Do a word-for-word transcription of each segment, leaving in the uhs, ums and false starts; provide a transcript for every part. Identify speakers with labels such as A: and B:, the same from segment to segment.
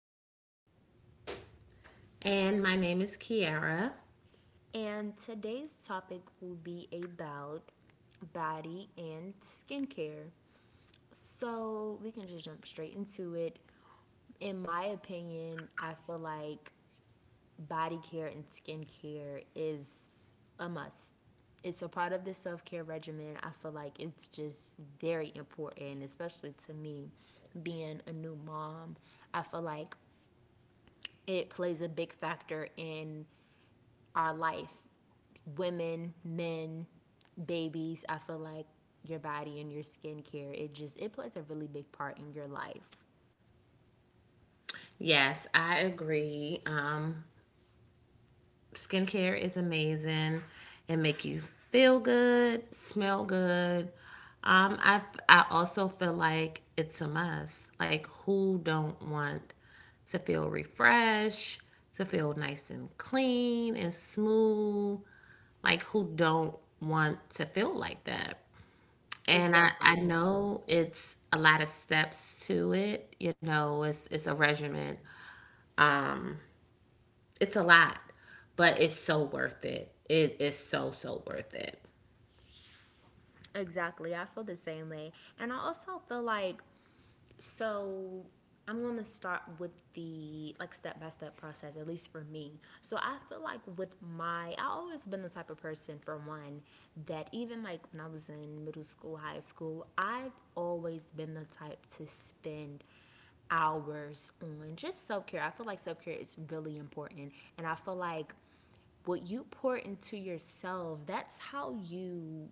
A: Jayla,
B: And my name is Kiara.
A: and today's topic will be about body and skincare. So, we can just jump straight into it. In my opinion, I feel like body care and skincare is a must. It's a part of the self care regimen. I feel like it's just very important, especially to me being a new mom. I feel like it plays a big factor in our life, women, men, babies. I feel like your body and your skincare, it just it plays a really big part in your life.
B: Yes, I agree. Um, skincare is amazing. It make you feel good, smell good. Um, I I also feel like it's a must. Like who don't want to feel refreshed, to feel nice and clean and smooth? Like who don't want to feel like that? And I, I
A: Exactly.
B: know it's a lot of steps to it, you know, it's it's a regimen. Um, it's a lot, but it's so worth it. It is so so worth it.
A: Exactly. I feel the same way. And I also feel like. So I'm going to start with the like step by step process, at least for me. So I feel like with my, I have always been the type of person, for one, that even like when I was in middle school, high school, I've always been the type to spend hours on just self care. I feel like self care is really important. And I feel like what you pour into yourself, that's how you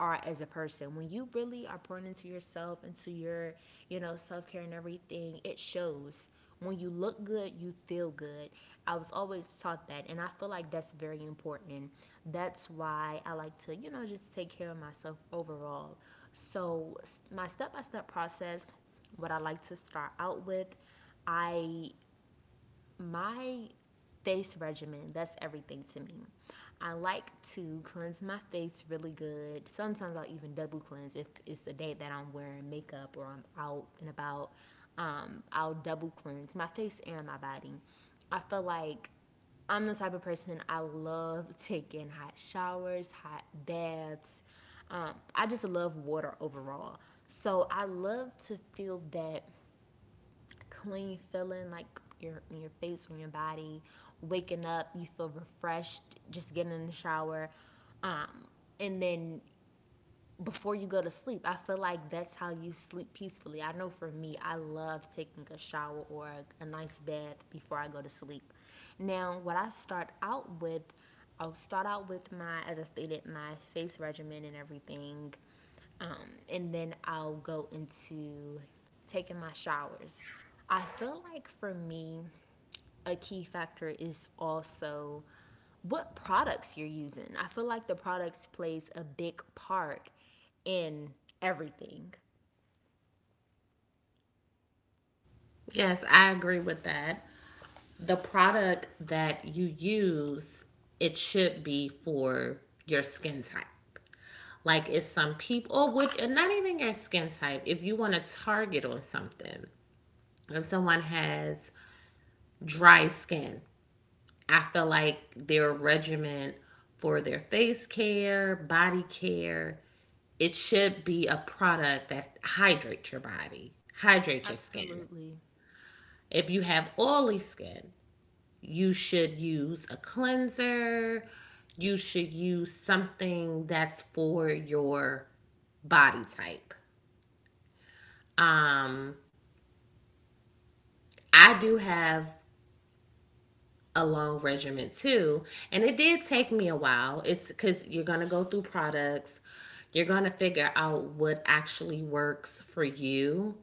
A: are as a person. When you really are pouring into yourself, into your, you know, self care and everything, it shows. When you look good, you feel good. I was always taught that, and I feel like that's very important. That's why I like to, you know, just take care of myself overall. So, my step by step process, what I like to start out with, I my face regimen, that's everything to me. I like to cleanse my face really good. Sometimes I'll even double cleanse if it's a day that I'm wearing makeup or I'm out and about. um, I'll double cleanse my face and my body. I feel like I'm the type of person. I love taking hot showers, hot baths. um, I just love water overall. So I love to feel that clean feeling, like your in your face on your body. Waking up, you feel refreshed, just getting in the shower. Um, and then before you go to sleep, I feel like that's how you sleep peacefully. I know for me, I love taking a shower or a, a nice bath before I go to sleep. Now what I start out with, I'll start out with my, as I stated, my face regimen and everything. Um, and then I'll go into taking my showers. I feel like for me, a key factor is also what products you're using. I feel like the products plays a big part in everything.
B: Yes, I agree with that. The product that you use, it should be for your skin type. Like it's some people or would and not even your skin type. If you want to target on something, if someone has dry skin, I feel like their regimen for their face care, body care, it should be a product that hydrates your body, hydrates your skin.
A: Absolutely.
B: If you have oily skin, you should use a cleanser. You should use something that's for your body type. Um, I do have a long regimen too. And it did take me a while. It's because you're going to go through products, you're going to figure out what actually works for you.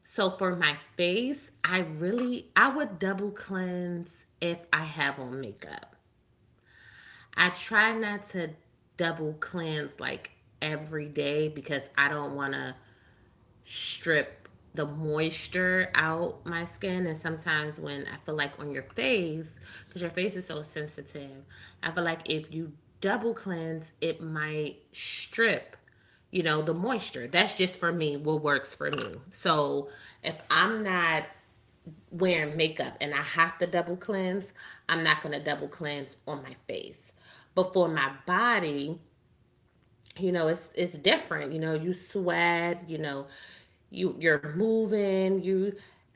B: So for my face, I really I would double cleanse if I have on makeup. I try not to double cleanse like every day because I don't want to strip the moisture out my skin, and sometimes when I feel like on your face, because your face is so sensitive, I feel like if you double cleanse it might strip, you know, the moisture. That's just for me, what works for me. So if I'm not wearing makeup and I have to double cleanse, I'm not going to double cleanse on my face. But for my body, you know, it's it's different. You know, you sweat, you know, you you're moving you.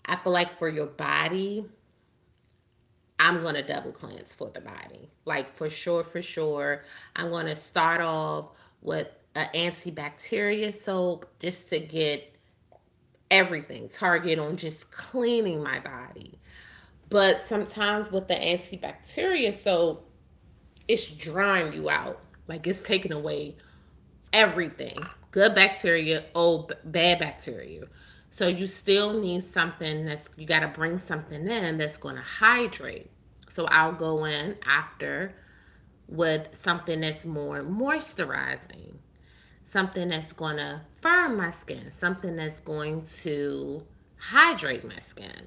B: I feel like for your body, I'm gonna double cleanse for the body, like for sure for sure. I'm gonna start off with an antibacterial soap, just to get everything, target on just cleaning my body. But sometimes with the antibacterial soap, it's drying you out, like it's taking away everything. Good bacteria, old bad bacteria. So you still need something that's, you got to bring something in that's going to hydrate. So I'll go in after with something that's more moisturizing, something that's going to firm my skin, something that's going to hydrate my skin.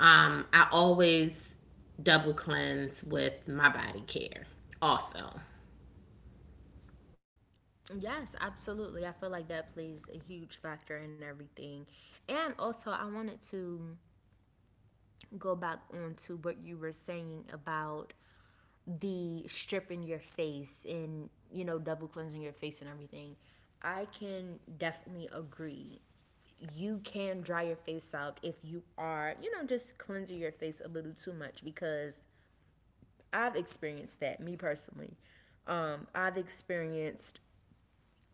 B: Um, I always double cleanse with my body care also.
A: Yes, absolutely. I feel like that plays a huge factor in everything. And also, I wanted to go back on to what you were saying about the stripping your face and you know double cleansing your face and everything. I can definitely agree. You can dry your face out if you are, you know just cleansing your face a little too much, because I've experienced that me personally. Um, i've experienced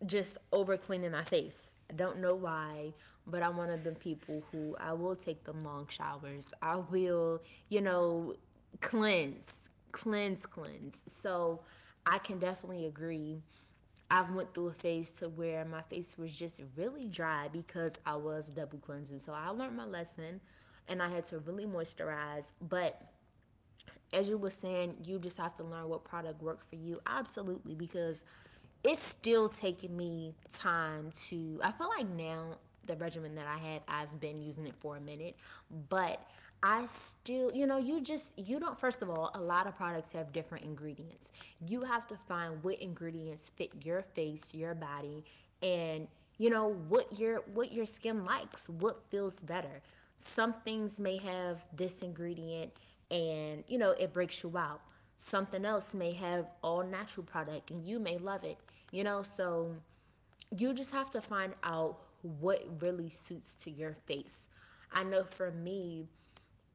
A: just over cleaning my face. I don't know why, but I'm one of the people who I will take them long showers. I will, you know, cleanse, cleanse, cleanse. So I can definitely agree. I've went through a phase to where my face was just really dry because I was double cleansing. So I learned my lesson and I had to really moisturize, but as you were saying, you just have to learn what product worked for you. Absolutely, because it's still taking me time to. I feel like now the regimen that I have, I've been using it for a minute, but I still, you know, you just, you don't, first of all, a lot of products have different ingredients. You have to find what ingredients fit your face, your body, and you know what your what your skin likes, what feels better. Some things may have this ingredient, and you know it breaks you out. Something else may have all natural product, and you may love it you know So you just have to find out what really suits to your face. I know for me,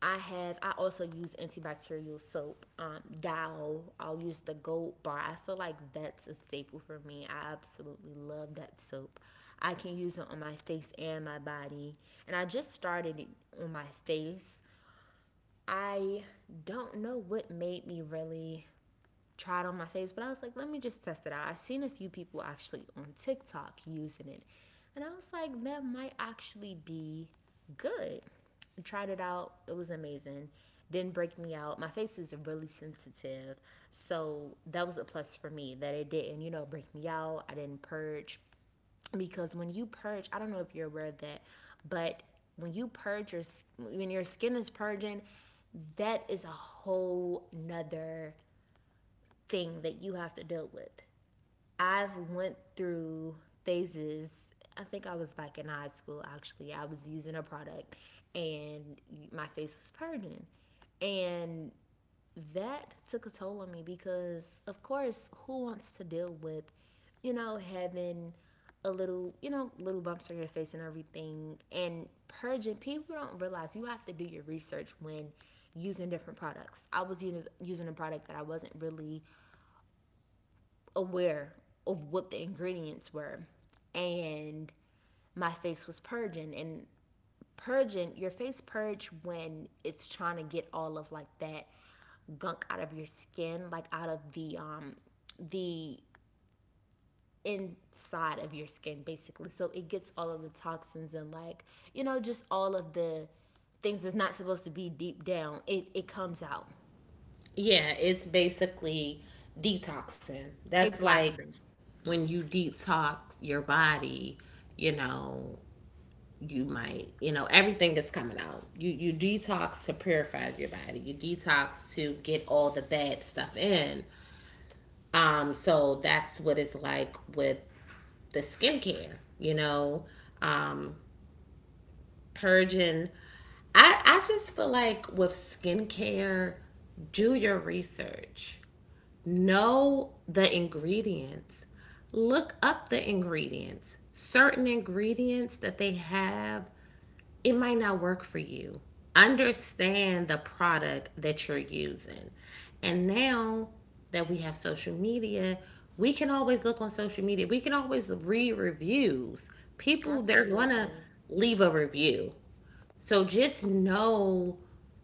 A: i have i also use antibacterial soap. Um dow, I'll use the gold bar. I feel like that's a staple for me. I absolutely love that soap. I can use it on my face and my body, and I just started it on my face. I don't know what made me really try it on my face, but I was like, let me just test it out. I've seen a few people actually on TikTok using it. And I was like, that might actually be good. I tried it out, it was amazing. Didn't break me out. My face is really sensitive. So that was a plus for me that it didn't, you know, break me out. I didn't purge because when you purge, I don't know if you're aware of that, but when you purge your when your skin is purging, that is a whole nother thing that you have to deal with. I've went through phases. I think I was back in high school actually. I was using a product and my face was purging. And that took a toll on me because, of course, who wants to deal with, you know, having a little, you know, little bumps on your face and everything and purging. People don't realize you have to do your research when using different products. I was using, using a product that I wasn't really aware of what the ingredients were. And my face was purging. And purging, your face purge when it's trying to get all of like that gunk out of your skin, like out of the um the inside of your skin basically. So it gets all of the toxins and like, you know, just all of the things that's not supposed to be deep down. It it comes out.
B: Yeah, it's basically detoxing. That's like
A: Exactly.
B: when you detox your body, you know, you might, you know, everything is coming out. You you detox to purify your body. You detox to get all the bad stuff in. Um so that's what it's like with the skincare, you know, um purging. I I just feel like with skincare, do your research. Know the ingredients, look up the ingredients. Certain ingredients that they have, it might not work for you. Understand the product that you're using. And now that we have social media, we can always look on social media. We can always read reviews. People, they're going to
A: Absolutely.
B: leave a review. So just know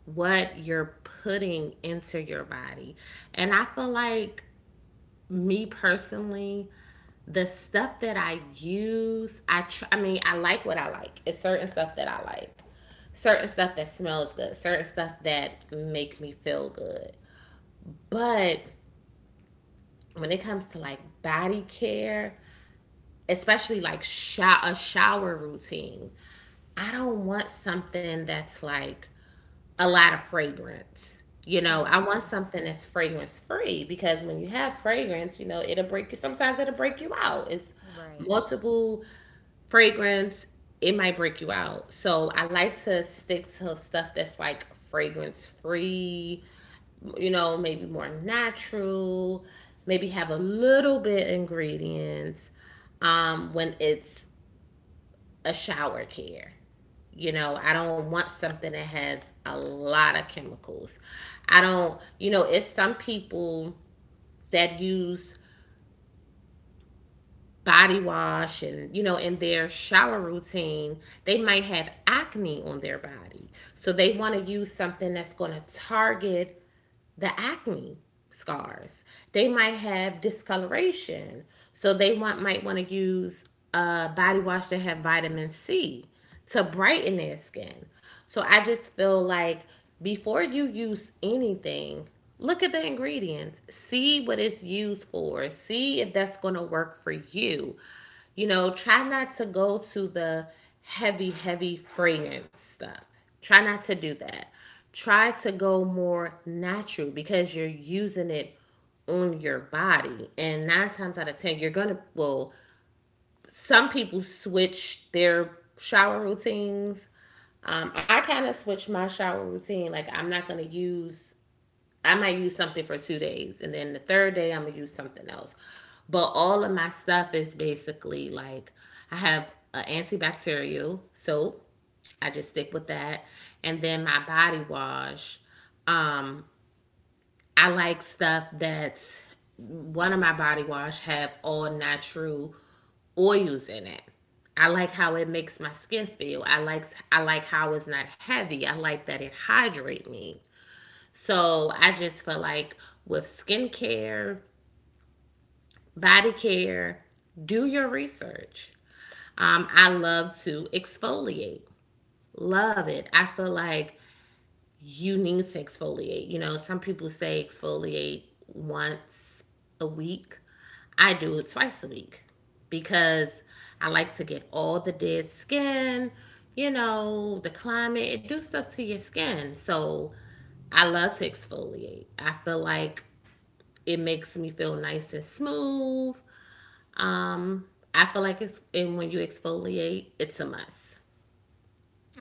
B: what you're putting into your body. And I feel like me personally, the stuff that I use, I tr- I mean, I like what I like. It's certain stuff that I like. Certain stuff that smells good, certain stuff that make me feel good. But when it comes to like body care, especially like sho- a shower routine, I don't want something that's like a lot of fragrance. You know, I
A: Hmm.
B: want something that's fragrance free, because when you have fragrance, you know, it'll break you. Sometimes it'll break you out. It's
A: Right.
B: multiple fragrance, it might break you out. So I like to stick to stuff that's like fragrance free, you know, maybe more natural, maybe have a little bit ingredients um, when it's a shower care. You know, I don't want something that has a lot of chemicals. I don't, you know, it's some people that use body wash, and you know, in their shower routine they might have acne on their body, so they want to use something that's going to target the acne scars. They might have discoloration. So they want might want to use a body wash that have vitamin C to brighten their skin. So I just feel like before you use anything, look at the ingredients, see what it's used for, see if that's going to work for you. You know, try not to go to the heavy, heavy fragrance stuff. Try not to do that. Try to go more natural because you're using it on your body. And nine times out of ten, you're going to, well, some people switch their shower routines. Um, I kind of switch my shower routine. Like, I'm not going to use, I might use something for two days, and then the third day I'm gonna use something else. But all of my stuff is basically like, I have an antibacterial soap. I just stick with that, and then my body wash. Um, I like stuff that's, one of my body wash have all natural oils in it. I like how it makes my skin feel. I like I like how it's not heavy. I like that it hydrate me. So I just feel like with skincare, body care, do your research. Um, I love to exfoliate. Love it. I feel like you need to exfoliate. You know, some people say exfoliate once a week. I do it twice a week because I like to get all the dead skin, you know, the climate, it do stuff to your skin. So I love to exfoliate. I feel like it makes me feel nice and smooth. Um, I feel like it's, and when you exfoliate, it's a must.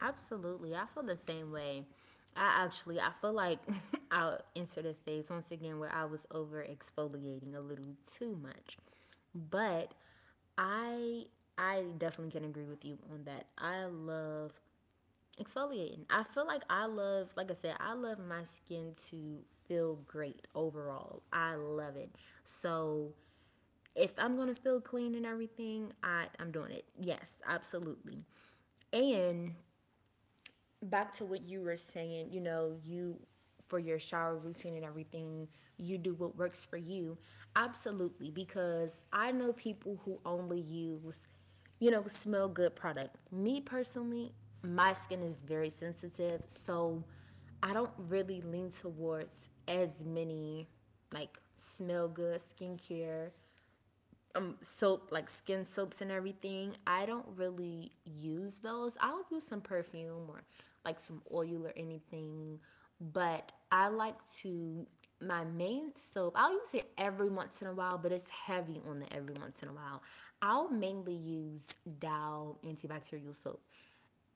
A: Absolutely. I feel the same way. I actually I feel like I'll insert a phase once again where I was over exfoliating a little too much. But I I definitely can agree with you on that. I love exfoliating. I feel like I love like I said, I love my skin to feel great overall. I love it. So if I'm gonna feel clean and everything, I, I'm doing it. Yes, absolutely. And back to what you were saying, you know, you for your shower routine and everything, you do what works for you. Absolutely, because I know people who only use, you know, smell good product. Me personally, my skin is very sensitive, so I don't really lean towards as many like smell good skincare soap, like skin soaps and everything. I don't really use those. I'll use some perfume or like some oil or anything. But I like to, my main soap, I'll use it every once in a while, but it's heavy on the every once in a while. I'll mainly use Dow antibacterial soap.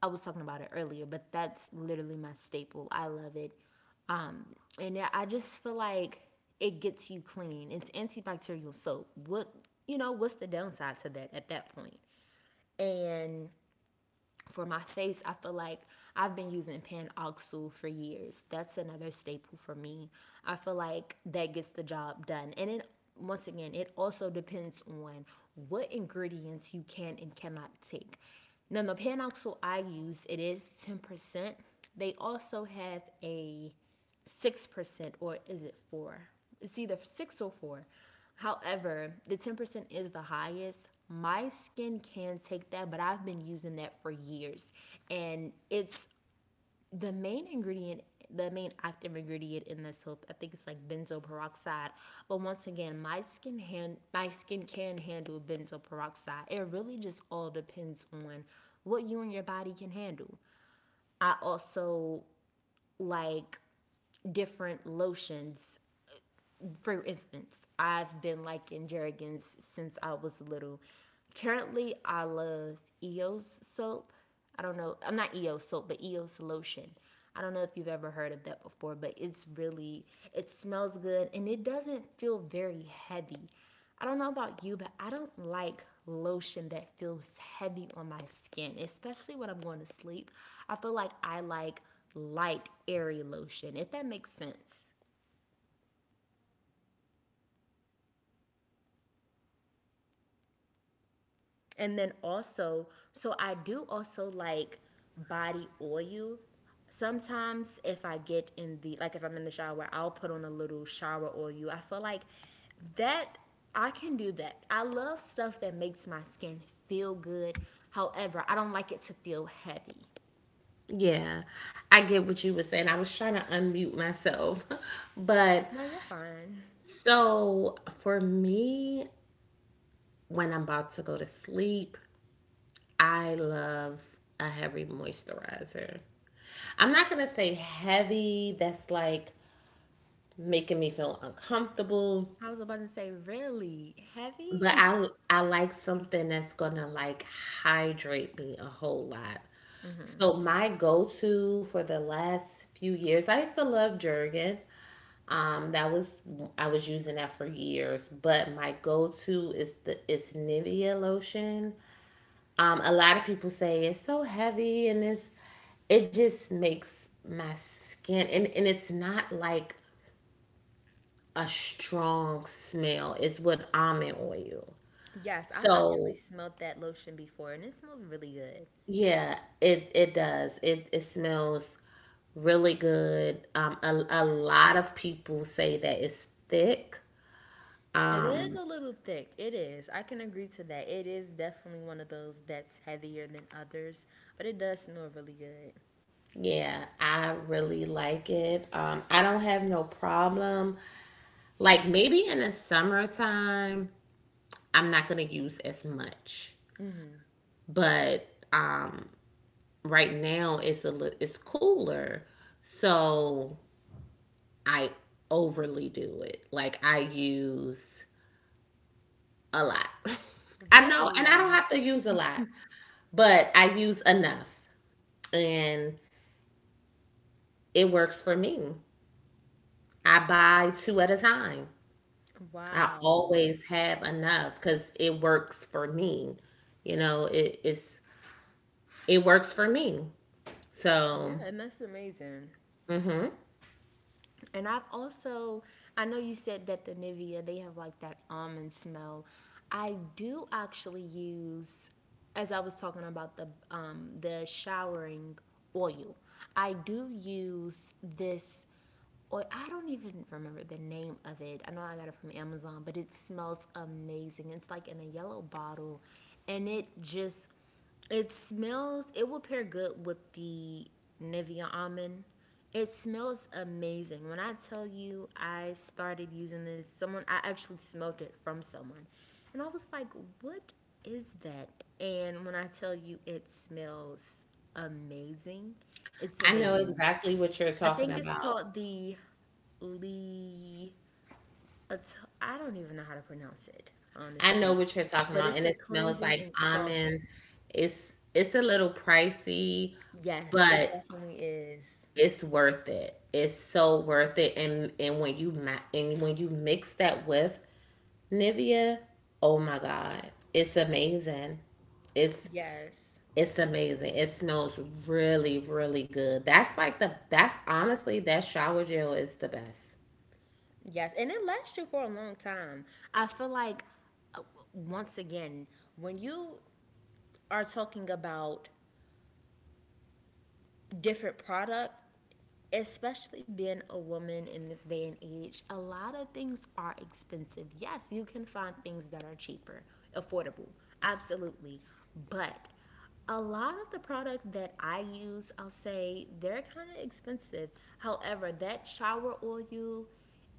A: I was talking about it earlier, but that's literally my staple. I love it. Um, and I just feel like it gets you clean. It's antibacterial soap. What you know, what's the downside to that at that point? And for my face, I feel like I've been using Panoxyl for years. That's another staple for me. I feel like that gets the job done. And it, once again, it also depends on what ingredients you can and cannot take. Now the Panoxyl I use, it is ten percent. They also have a six percent, or is it four? It's either six or four. However, the ten percent is the highest. My skin can take that, but I've been using that for years, and it's the main ingredient. The main active ingredient in this soap, I think it's like benzoyl peroxide. But once again, my skin hand, my skin can handle benzoyl peroxide. It really just all depends on what you and your body can handle. I also like different lotions, for instance, I've been liking Jergens since I was little. Currently, I love E O S soap. I don't know, I'm not E O S soap, but E O S lotion. I don't know if you've ever heard of that before, but it's really, it smells good and it doesn't feel very heavy. I don't know about you, but I don't like lotion that feels heavy on my skin, especially when I'm going to sleep. I feel like I like light, airy lotion, if that makes sense. And then also, so I do also like body oil. Sometimes if I get in the like if I'm in the shower, I'll put on a little shower oil. I feel like that I can do that. I love stuff that makes my skin feel good. However, I don't like it to feel heavy.
B: Yeah, I get what you were saying. I was trying to unmute myself, but
A: No, you're fine.
B: so for me, when I'm about to go to sleep, I love a heavy moisturizer. I'm not gonna say heavy. That's like making me feel uncomfortable.
A: I was about to say, really heavy?
B: But I I like something that's gonna like hydrate me a whole lot. So my go-to for the last few years, I used to love Jergen. Um, that was, I was using that for years, but my go-to is the is Nivea lotion. Um, a lot of people say it's so heavy, and it's it just makes my skin, and, and it's not like a strong smell. It's with almond oil.
A: Yes, I've actually
B: So
A: smelled that lotion before and it smells really good.
B: yeah, it it does. It it smells really good. Um, a, a lot of people say that it's thick.
A: It is a little thick. It is. I can agree to that. It is definitely one of those that's heavier than others, but it does smell really good.
B: Yeah, I really like it. Um, I don't have no problem. Like maybe in the summertime, I'm not gonna use as much, but um, right now it's a li- it's cooler, so I overly do it. Like I use a lot. I know, and I don't
A: Really?
B: have to use a lot, but I use enough, and it works for me. I buy two at a time. I
A: Wow.
B: always have enough because it works for me. You know, it, it's it works for me.
A: Yeah,
B: So
A: and that's amazing. And I've also, I know you said that the Nivea, they have like that almond smell. I do actually use, as I was talking about the um, the showering oil, I do use this oil. I don't even remember the name of it. I know I got it from Amazon, but it smells amazing. It's like in a yellow bottle, and it just it smells. It will pair good with the Nivea almond it smells amazing. When I tell you I started using this, someone I actually smelled it from someone. And I was like, "What is that?" And when I tell you it smells amazing, it's
B: I know
A: amazing.
B: exactly what you're
A: I
B: talking
A: think it's
B: about.
A: called the Lee I don't even know how to pronounce it,
B: I know
A: honestly.
B: what you're talking
A: But
B: about,
A: it's
B: and
A: a
B: it smells
A: cleansing
B: like
A: and softening.
B: almond. It's it's a little pricey,
A: Yes, it
B: but
A: definitely is.
B: it's worth it. It's so worth it. And and when you ma- and when you mix that with Nivea, oh my god, it's amazing. It's
A: Yes.
B: it's amazing. It smells really really good. That's like the, that's honestly that shower gel is the best.
A: Yes, and it lasts you for a long time. I feel like uh, once again, when you are talking about different product, especially being a woman in this day and age, a lot of things are expensive. Yes, you can find things that are cheaper, affordable. Absolutely. But a lot of the product that I use, I'll say they're kind of expensive. However, that shower oil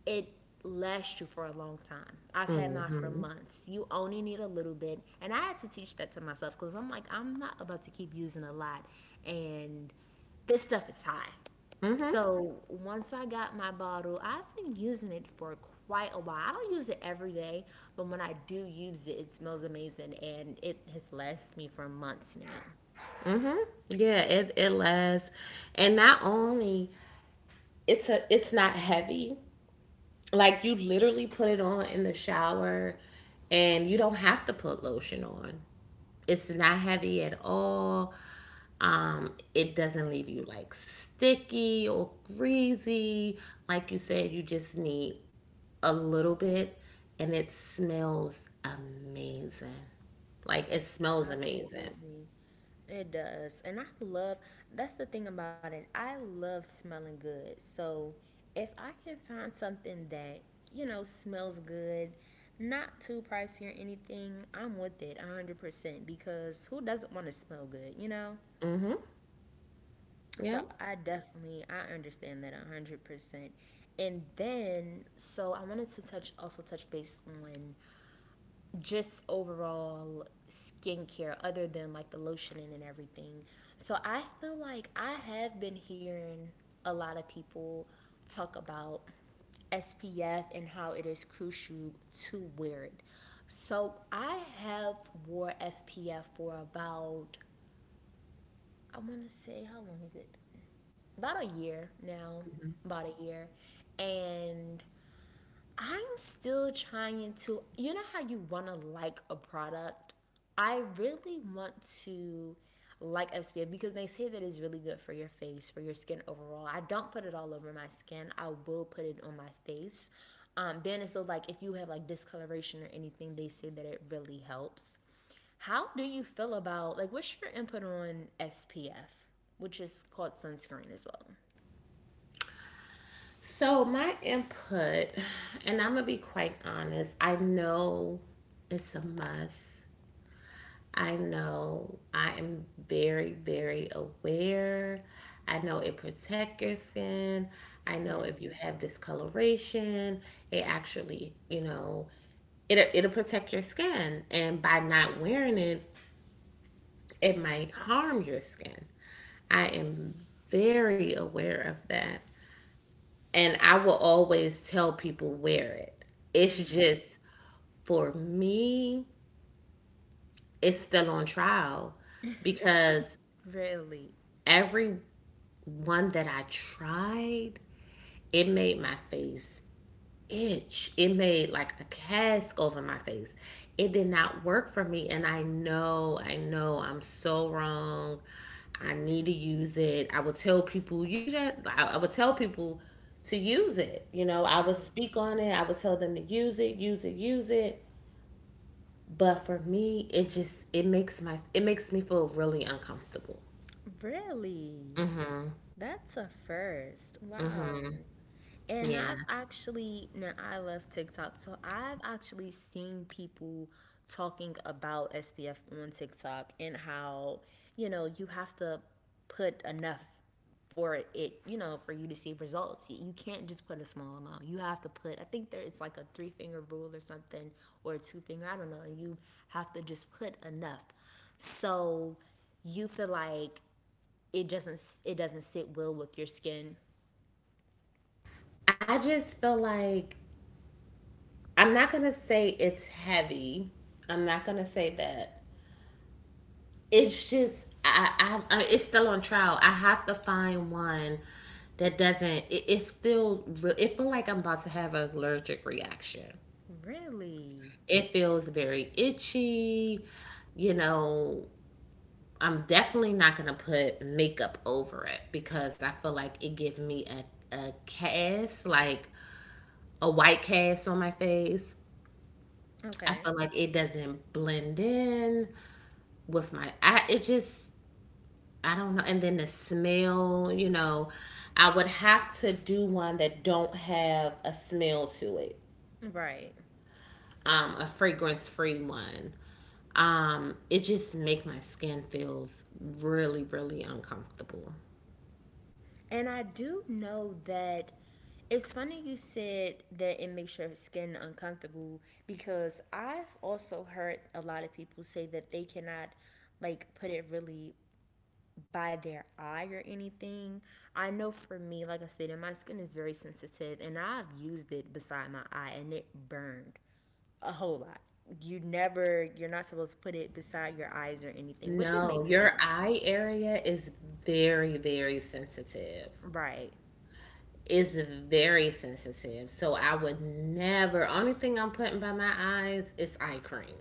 A: it lasts you for a long time. I've had mine for
B: Mhm.
A: months. You only need a little bit. And I had to teach that to myself because I'm like, I'm not about to keep using a lot. And this stuff is high.
B: Mhm.
A: So once I got my bottle, I've been using it for quite a while. I don't use it every day, but when I do use it, it smells amazing and it has lasted me for months now.
B: Mhm. Yeah, it it lasts. And not only it's a it's not heavy. Like you literally put it on in the shower and you don't have to put lotion on. It's not heavy at all. Um, it doesn't leave you like sticky or greasy. Like you said, you just need a little bit, and it smells amazing. Like it smells amazing.
A: Absolutely. It does. And I love that's the thing about it. I love smelling good. So if I can find something that, you know, smells good, not too pricey or anything, I'm with it one hundred percent because who doesn't want to smell good, you know?
B: Mm-hmm. Yeah.
A: So I definitely I understand that one hundred percent. And then so I wanted to touch also touch base on just overall skincare other than like the lotioning and everything. So I feel like I have been hearing a lot of people talk about S P F and how it is crucial to wear it. So I have wore S P F for about I want to say how long is it? About a year now, about a year. And I'm still trying to, you know, how you want to like a product? I really want to like S P F because they say that it's really good for your face, for your skin overall. I don't put it all over my skin, I will put it on my face. Um, then it's so like if you have like discoloration or anything, they say that it really helps. How do you feel about like what's your input on S P F, which is called sunscreen as well?
B: So my input, and I'm gonna be quite honest. I know it's a must. I know I am very, very aware. I know it protects your skin. I know if you have discoloration, it actually, you know, it it'll protect your skin. And by not wearing it, it might harm your skin. I am very aware of that. And I will always tell people wear it. It's just for me, it's still on trial because
A: Really?
B: every one that I tried, it made my face itch. It made like a cask over my face. It did not work for me. And I know, I know I'm so wrong. I need to use it. I would tell people, use it. I, I would tell people to use it. You know, I would speak on it. I would tell them to use it, use it, use it. But for me, it just, it makes my, it makes me feel really uncomfortable.
A: Really? That's a first.
B: Hmm.
A: Wow. And
B: Yeah.
A: I've actually, now I love TikTok, so I've actually seen people talking about S P F on TikTok and how, you know, you have to put enough for it, you know, for you to see results. You you can't just put a small amount. You have to put, I think there is like a three finger rule or something, or a two finger, I don't know. You have to just put enough. So you feel like it doesn't it doesn't sit well with your skin.
B: I just feel like I'm not gonna say it's heavy. I'm not gonna say that. It's just I, I, I it's still on trial. I have to find one that doesn't. It, it's feel it feel like I'm about to have an allergic reaction.
A: Really?
B: It feels very itchy. You know, I'm definitely not gonna put makeup over it because I feel like it gives me a a cast, like a white cast on my face. I
A: Okay.
B: feel like it doesn't blend in with my I it just I don't know, and then the smell, you know, I would have to do one that don't have a smell to it.
A: Right.
B: Um a fragrance free one. Um it just make my skin feels really really uncomfortable.
A: And I do know that it's funny you said that it makes your skin uncomfortable because I've also heard a lot of people say that they cannot like put it really by their eye or anything. I know for me, like I said, my skin is very sensitive and I've used it beside my eye and it burned. A whole lot. You never, you're not supposed to put it beside your eyes or anything, which it
B: No,
A: makes
B: your
A: sense.
B: eye area is very very sensitive.
A: Right.
B: It's very sensitive. So I would never, only thing I'm putting by my eyes is eye cream.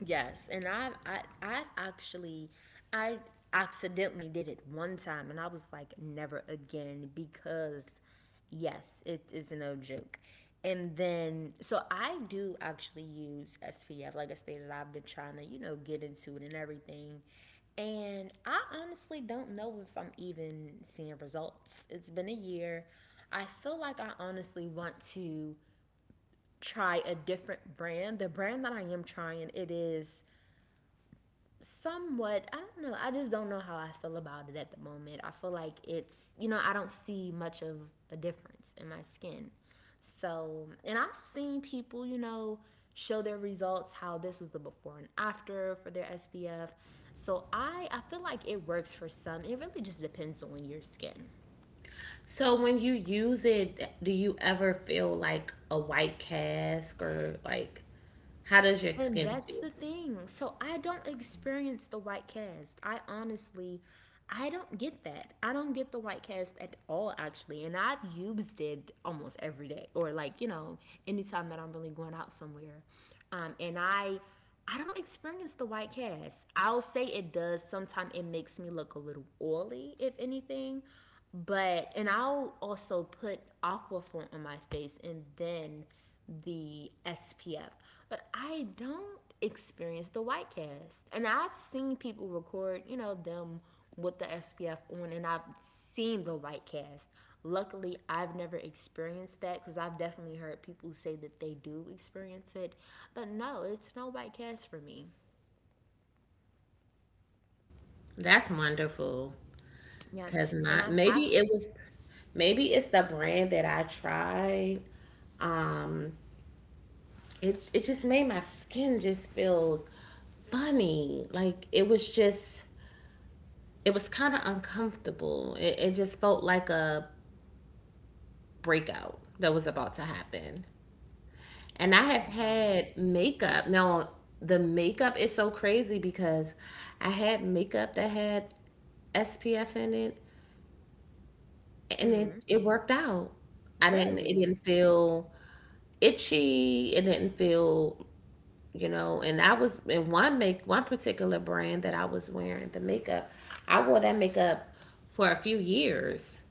A: Yes, and I've I, I've actually I accidentally did it one time, and I was like, never again because yes, it is no joke. And then, so I do actually use S P F, like I stated, I've been trying to you know get into it and everything. And I honestly don't know if I'm even seeing results. It's been a year. I feel like I honestly want to try a different brand. The brand that I am trying, it is somewhat I don't know I just don't know how I feel about it at the moment. I feel like it's you know I don't see much of a difference in my skin. So and I've seen people you know show their results how this was the before and after for their SPF. So i i feel like it works for some. It really just depends on your skin.
B: So when you use it, do you ever feel like a white cast, or like how does your
A: And
B: skin
A: that's
B: feel?
A: the thing. So I don't experience the white cast. I honestly, I don't get that. I don't get the white cast at all, actually. And I've used it almost every day, or like you know, anytime that I'm really going out somewhere. Um, and I, I don't experience the white cast. I'll say it does. Sometimes it makes me look a little oily, if anything. But and I'll also put Aquaform on my face and then the S P F. But I don't experience the white cast. And I've seen people record, you know, them with the S P F on and I've seen the white cast. Luckily, I've never experienced that cuz I've definitely heard people say that they do experience it. But no, it's no white cast for me.
B: That's wonderful.
A: Yeah.
B: Cause
A: And
B: not
A: I'm
B: maybe it
A: actually
B: was maybe it's the brand that I tried. Um it it just made my skin just feel funny. Like it was just it was kinda uncomfortable. It it just felt like a breakout that was about to happen. And I have
A: um,
B: had makeup. Now, the makeup is so crazy because I had makeup that had S P F in it, and it,
A: mhm.
B: it worked out. I didn't it
A: Really?
B: didn't feel itchy. It didn't feel, you know, and I was in one make one particular brand that I was wearing the makeup. I wore that makeup for a few years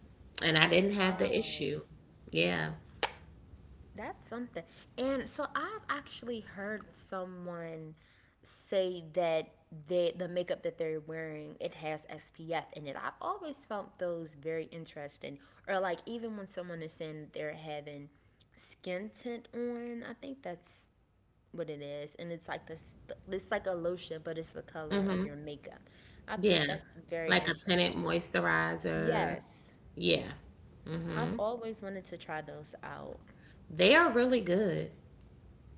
B: and I didn't have the
A: Wow.
B: issue. Yeah.
A: That's something. And so I've actually heard someone say that they, the makeup that they're wearing it has S P F in it. I've always found those very interesting. Or like even when someone is saying they're having skin tint on, I think that's what it is. And it's like this it's like a lotion, but it's the color of your makeup. I
B: Yeah.
A: think that's very
B: Like a tinted
A: interesting.
B: moisturizer.
A: Yes.
B: Yeah.
A: I've
B: Mhm.
A: always wanted to try those out.
B: They are really good.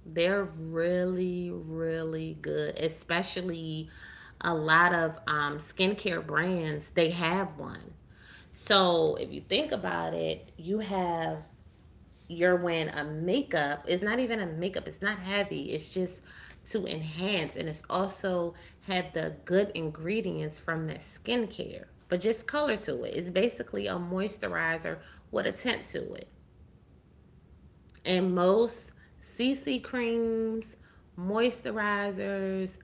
B: They're really really good, especially a lot of um skincare brands, they have one. So, if you think about it, you have you're wearing a makeup. It's not even a makeup. It's not heavy. It's just to enhance, and it's also have the good ingredients from that skincare, but just color to it. It's basically a moisturizer with a tint to it. And most C C creams, moisturizers,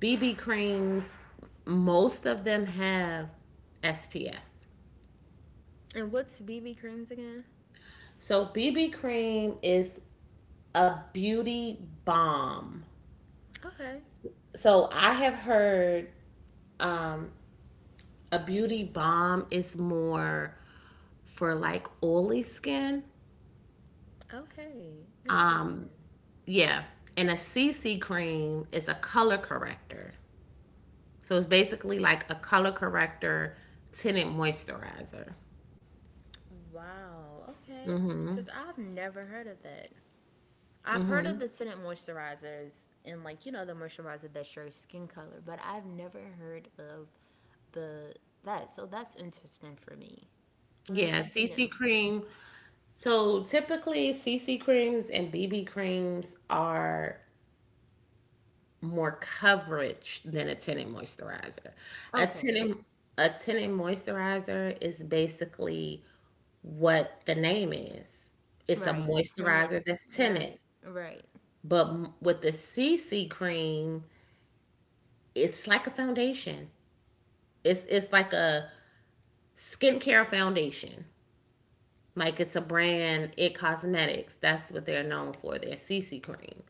B: B B creams, most of them have S P F.
A: And what's B B creams again?
B: So B B cream is a beauty balm.
A: Okay.
B: So I have heard a beauty balm is more for like oily skin.
A: Okay.
B: Um,
A: Interesting.
B: yeah. And a C C cream is a color corrector. So it's basically like a color corrector tinted moisturizer.
A: Wow. Okay. Because I've never heard of that. I've heard of the tinted moisturizers and like you know the moisturizer that's your skin color, but I've never heard of the that. So that's interesting for me. Learn
B: Yeah,
A: something
B: C C
A: new.
B: cream. So typically, C C creams and B B creams are more coverage than a tinted moisturizer. A
A: Okay.
B: tinted a tinted moisturizer is basically what the name is. It's a
A: Right. Tinted.
B: moisturizer that's tinted,
A: Right. Right.
B: but m- with the C C cream, it's like a foundation. It's it's like a skincare foundation. Like it's a brand, It Cosmetics. That's what they're known for, their C C cream.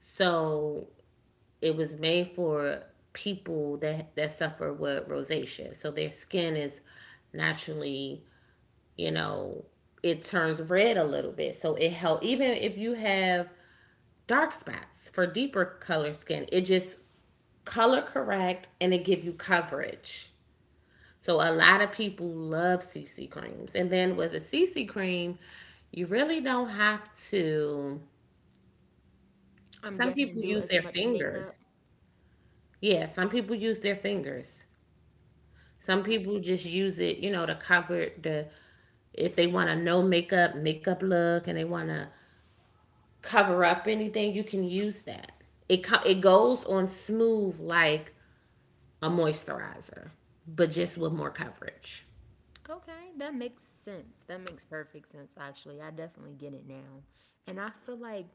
B: So it was made for people that that suffer with rosacea. So their skin is naturally, you know, it turns red a little bit. So it help even if you have dark spots, for deeper color skin, it just color correct and it give you coverage. So a lot of people love C C creams. And then with a C C cream, you really don't have to.
A: I'm
B: Some
A: guessing
B: people
A: do
B: use
A: as
B: their
A: much
B: fingers.
A: makeup.
B: Yeah, some people use their fingers. Some
A: Okay.
B: people just use it, you know, to cover the if they want a no makeup makeup look and they want to cover up anything, you can use that. It co- it goes on smooth like a moisturizer, but just with more coverage.
A: Okay, that makes sense. That makes perfect sense, actually. I definitely get it now. And I feel like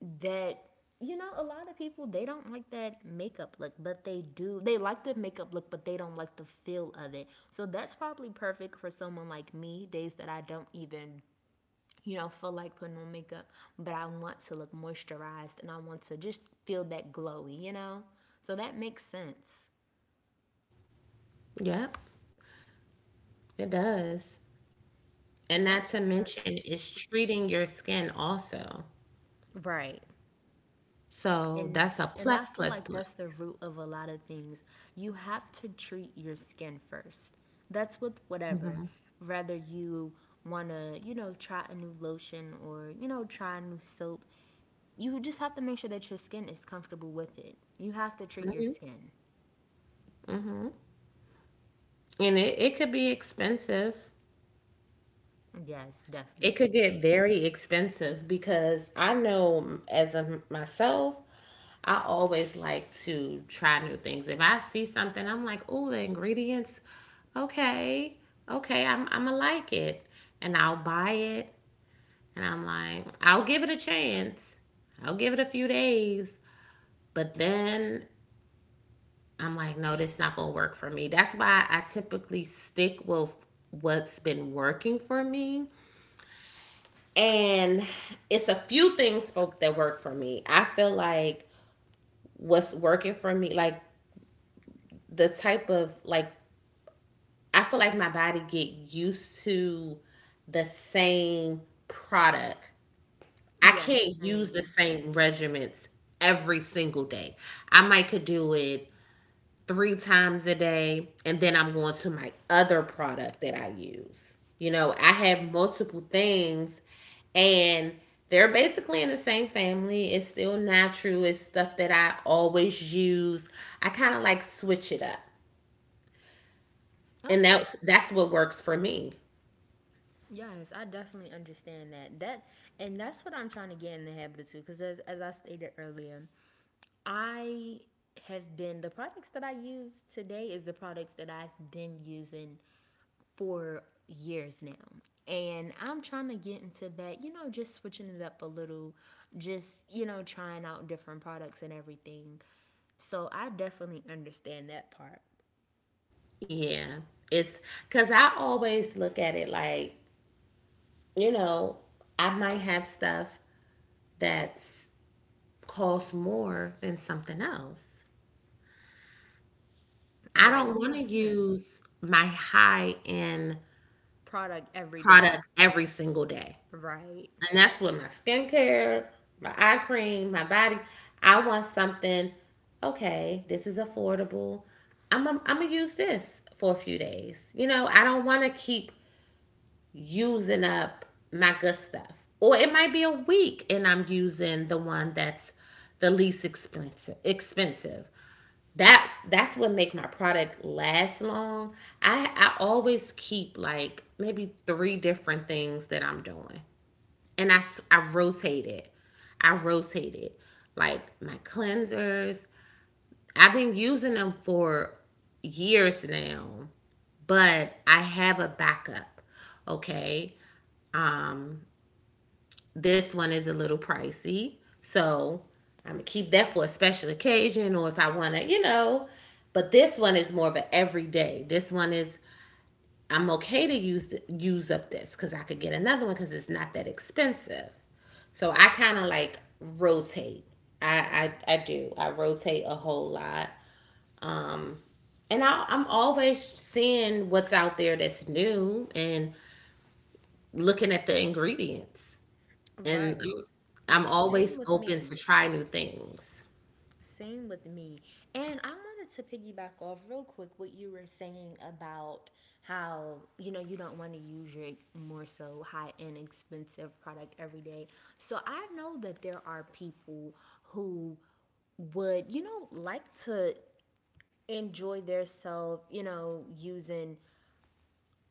A: that, you know, a lot of people, they don't like that makeup look, but they do. They like the makeup look, but they don't like the feel of it. So that's probably perfect for someone like me, days that I don't even. You know, feel like putting on makeup, but I want to look moisturized and I want to just feel that glowy, you know? So that makes sense.
B: Yep, it does. And not
A: That's
B: to mention,
A: perfect.
B: it's treating your skin also.
A: Right.
B: So
A: And
B: that's a
A: and I
B: plus,
A: feel
B: plus,
A: like that's the
B: plus.
A: root of a lot of things. You have to treat your skin first. That's with whatever. Whether you want to, you know, try a new lotion or, you know, try a new soap, you just have to make sure that your skin is comfortable with it. You have to treat your skin.
B: Mhm. And it, it could be expensive.
A: Yes,
B: It could
A: definitely.
B: get very expensive because I know as a myself, I always like to try new things. If I see something, I'm like, oh, the ingredients, okay, okay, I'm, I'm gonna like it. And I'll buy it. And I'm like, I'll give it a chance. I'll give it a few days. But then I'm like, no, that's not gonna work for me. That's why I typically stick with what's been working for me. And it's a few things folk that work for me. I feel like what's working for me, like the type of like I feel like my body get used to the same product. I
A: Yes,
B: can't use the
A: same.
B: same regimens every single day. I might could do it three times a day, and then I'm going to my other product that I use. You know, I have multiple things, and they're basically in the same family. It's still natural. It's stuff that I always use. I kind of like switch it up. And
A: Okay.
B: that's that's what works for me.
A: Yes, I definitely understand that. That and that's what I'm trying to get in the habit of too, because as as I stated earlier. I have been the products that I use today is the products that I've been using for years now. And I'm trying to get into that, you know, just switching it up a little, just, you know, trying out different products and everything. So I definitely understand that part.
B: Yeah. It's cuz I always look at it like, you know, I might have stuff that's costs more than something else. I
A: Right. It
B: don't want to
A: makes sense.
B: use my high end
A: Product every
B: product
A: day.
B: every single day.
A: Right.
B: And that's with my skincare, my eye cream, my body. I want something, okay, this is affordable. I'm, I'm, I'm going to use this for a few days. You know, I don't want to keep using up my good stuff. Or it might be a week and I'm using the one that's the least expensive. Expensive that that's what make my product last long. I I always keep like maybe three different things that I'm doing, and I I rotate it. I rotate it like my cleansers. I've been using them for years now, but I have a backup. Okay, um, this one is a little pricey. So I'm gonna keep that for a special occasion or if I wanna, you know. But this one is more of an everyday. This one is I'm okay to use the, use up this because I could get another one because it's not that expensive. So I kind of like rotate. I, I I do. I rotate a whole lot, and I, I'm always seeing what's out there that's new and looking at the ingredients. And
A: Right.
B: I'm
A: Same
B: always
A: with
B: open to
A: me.
B: try new things.
A: Same with me. And I wanted to piggyback off real quick what you were saying about how, you know, you don't want to use your more so high end expensive product every day. So I know that there are people who would, you know, like to enjoy their self, you know, using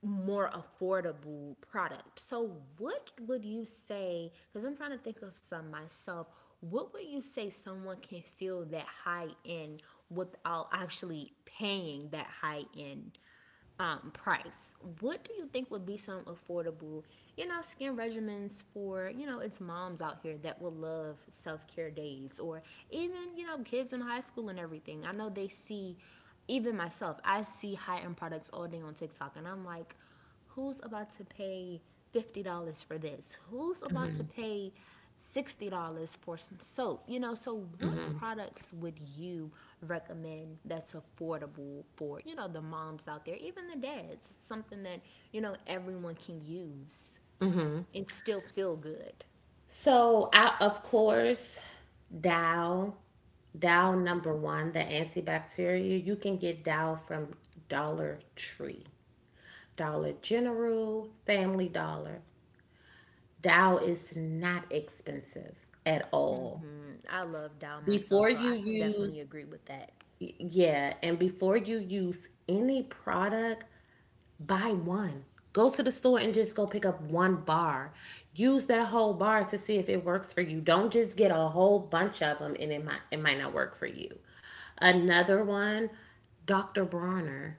A: more affordable product. So, what would you say? Because I'm trying to think of some myself. What would you say someone can feel that high end without actually paying that high end um, price. What do you think would be some affordable, you know, skin regimens for, you know, it's moms out here that will love self care days or even, you know, kids in high school and everything? I know they see, even myself, I see high end products all day on TikTok and I'm like, who's about to pay fifty dollars for this? Who's about to pay sixty dollars for some soap? You know, so what products would you recommend that's affordable for, you know, the moms out there, even the dads? Something that, you know, everyone can use
B: Mm-hmm.
A: and still feel good.
B: So, I, of course, Dow, Dow
A: Yes.
B: number one, the antibacterial. You can get Dow from Dollar Tree, Dollar General, Family Dollar. Dow is not expensive at all.
A: Hmm, I love Dow myself,
B: Before
A: so I
B: you
A: can
B: use,
A: definitely agree with that.
B: yeah, and before you use any product, buy one. Go to the store and just go pick up one bar. Use that whole bar to see if it works for you. Don't just get a whole bunch of them and it might it might not work for you. Another one, doctor Bronner.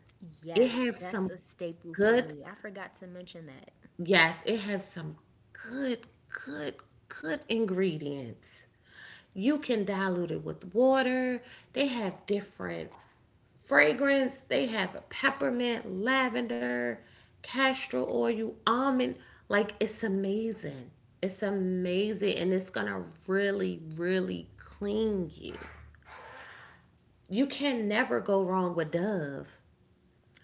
B: It
A: Yes,
B: has
A: that's
B: some
A: a staple for
B: good,
A: me. I forgot to mention that.
B: yes, it has some good, good, good ingredients. You can dilute it with water. They have different fragrance. They have a peppermint, lavender, castor oil, almond. Like it's amazing. It's amazing, and it's gonna really, really clean you. You can never go wrong with Dove.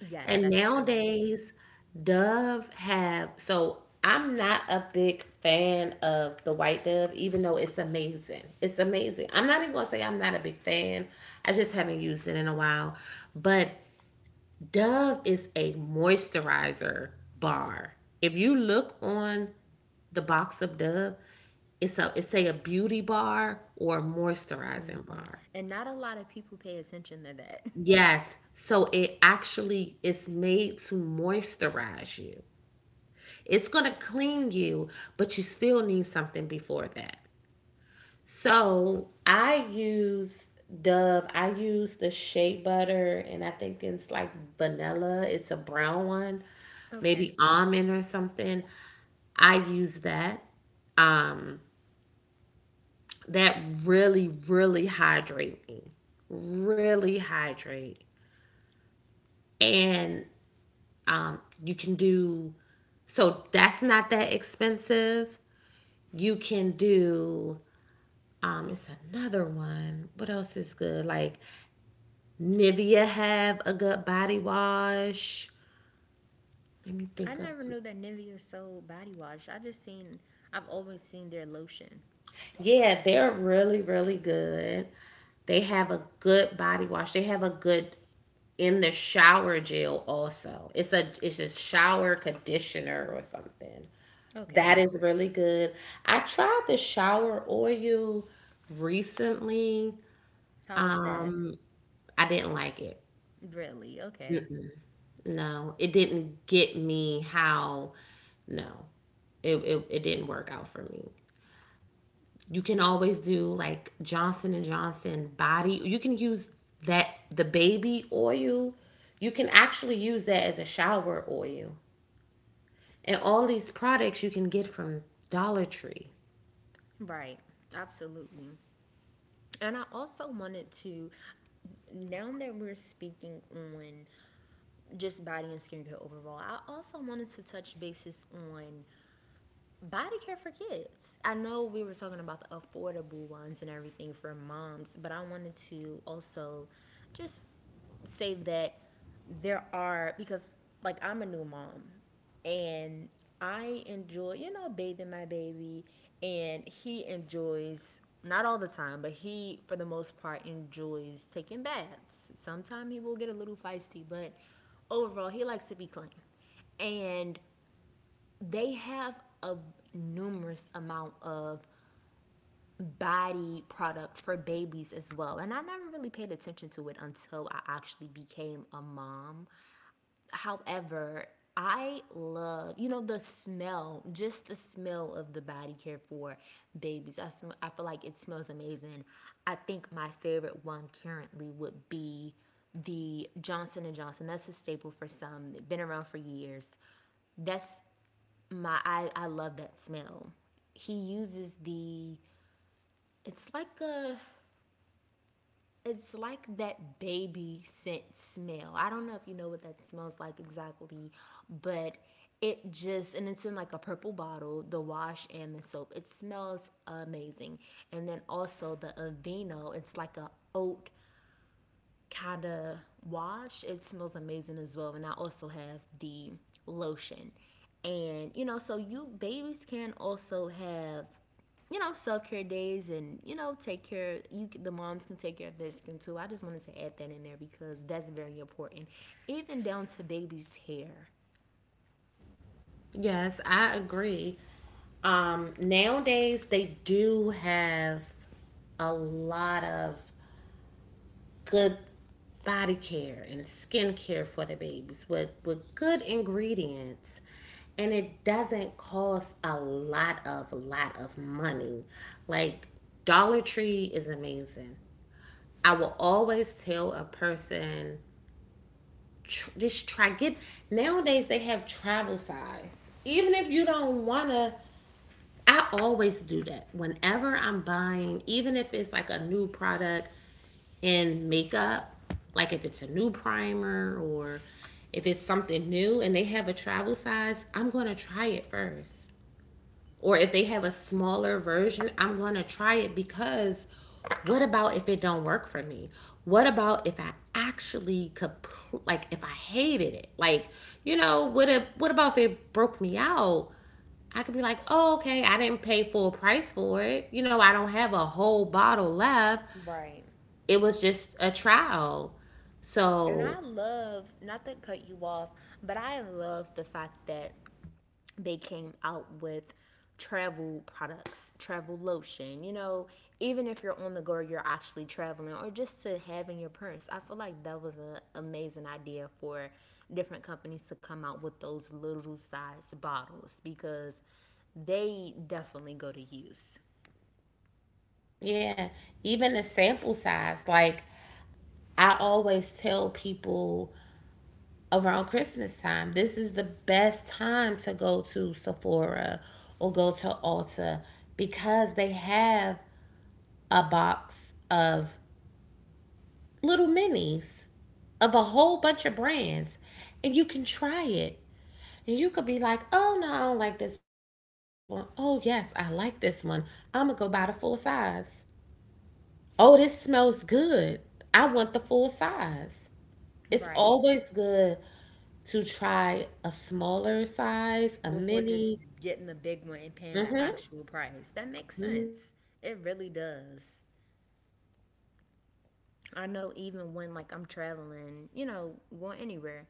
A: Yes,
B: And
A: that's true.
B: nowadays, Dove have so I'm not a big fan of the white dove, even though it's amazing. It's amazing. I'm not even gonna say I'm not a big fan. I just haven't used it in a while. But Dove is a moisturizer bar. If you look on the box of Dove, it's a it's say a beauty bar or a moisturizing bar.
A: And not a lot of people pay attention to that.
B: Yes. So it actually is made to moisturize you. It's gonna clean you, but you still need something before that. So I use Dove. I use the shea butter, and I think it's like vanilla. It's a brown one,
A: Okay.
B: maybe almond or something. I use that. Um, that really, really hydrate me. Really hydrate, and um, you can do. So that's not that expensive. You can do. Um, it's another one. What else is good? Like Nivea have a good body wash. Let me
A: I
B: think of
A: never
B: some.
A: knew that Nivea sold body wash. I just seen, I've always seen their lotion.
B: Yeah, they're really, really good. They have a good body wash. They have a good in the shower gel also. It's a it's a shower conditioner or something. That
A: Okay.
B: is really good. I tried the shower oil recently.
A: How was that?
B: Um, I didn't like it.
A: Really? Okay.
B: No, it didn't get me how. No, it it, it didn't work out for me. You can always do like Johnson and Johnson body. You can use that the baby oil. You can actually use that as a shower oil. And all these products you can get from Dollar Tree.
A: Right. Absolutely. And I also wanted to, now that we're speaking on just body and skincare overall, I also wanted to touch bases on body care for kids. I know we were talking about the affordable ones and everything for moms, but I wanted to also just say that there are because like I'm a new mom and I enjoy, you know, bathing my baby, and he enjoys not all the time, but he for the most part enjoys taking baths. Sometimes he will get a little feisty, but overall he likes to be clean. And they have a numerous amount of body product for babies as well. And I never really paid attention to it until I actually became a mom. However, I love, you know, the smell, just the smell of the body care for babies. I, sm- I feel like it smells amazing. I think my favorite one currently would be the Johnson and Johnson. That's a staple for some. It's been around for years. That's my I I love that smell. He uses the it's like a it's like that baby scent smell. I don't know if you know what that smells like exactly, but it just and it's in like a purple bottle, the wash and the soap. It smells amazing. And then also the Aveeno, it's like a oat kind of wash, it smells amazing as well. And I also have the lotion. And you know, so you babies can also have, you know, self care days, and you know take care. You the moms can take care of their skin too. I just wanted to add that in there because that's very important, even down to babies' hair.
B: Yes, I agree. Um, nowadays they do have a lot of good body care and skin care for the babies with, with good ingredients and it doesn't cost a lot of lot of money like dollar tree is amazing. I will always tell a person tr- just try get nowadays they have travel size even if you don't want to I always do that whenever I'm buying even if it's like a new product in makeup, like if it's a new primer or if it's something new and they have a travel size, I'm going to try it first. Or if they have a smaller version, I'm going to try it because what about if it don't work for me? What about if I actually could like if I hated it? Like, you know, what if, what about if it broke me out? I could be like, oh, okay, I didn't pay full price for it. You know, I don't have a whole bottle left,
A: Right.
B: it was just a trial.
A: And
B: So,
A: I love, not to cut you off, but I love the fact that they came out with travel products, travel lotion. You know, even if you're on the go, you're actually traveling, or just to have in your purse. I feel like that was an amazing idea for different companies to come out with those little size bottles because they definitely go to use.
B: yeah, even the sample size, like I always tell people around Christmas time, this is the best time to go to Sephora or go to Ulta because they have a box of little minis of a whole bunch of brands and you can try it. And you could be like, oh no, I don't like this one. Oh, yes, I like this one. I'm going to go buy the full size. Oh, this smells good. I want the full size. It's
A: Right.
B: always good to try a smaller size, a
A: Before just
B: mini.
A: getting the big one and paying the
B: Mm-hmm.
A: actual price. That makes sense. It really does. I know even when like I'm traveling, you know, going anywhere,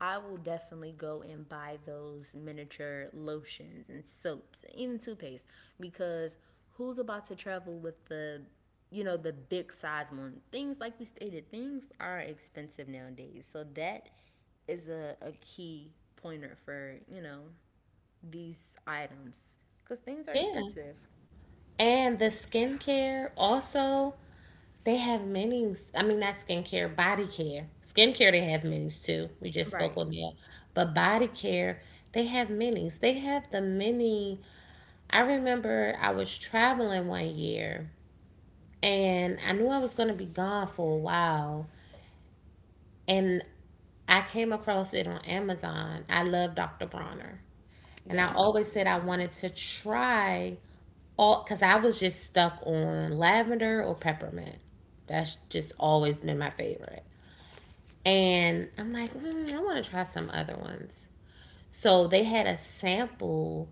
A: I will definitely go and buy those miniature lotions and soaps, even toothpaste, because who's about to travel with the you know the big size one, things like we stated, things are expensive nowadays, so that is a, a key pointer for you know these items because things are
B: Yeah.
A: expensive.
B: And the skincare also, they have minis. I mean, not skincare, body care. Skincare, they have minis too. We just spoke
A: Right,
B: on that. But body care, they have minis. They have the mini. I remember I was traveling one year and I knew I was going to be gone for a while. And I came across it on Amazon. I love doctor Bronner. And I
A: yes, me
B: always said I
A: too.
B: wanted to try all because I was just stuck on lavender or peppermint. That's just always been my favorite. And I'm like, mm, I want to try some other ones. So they had a sample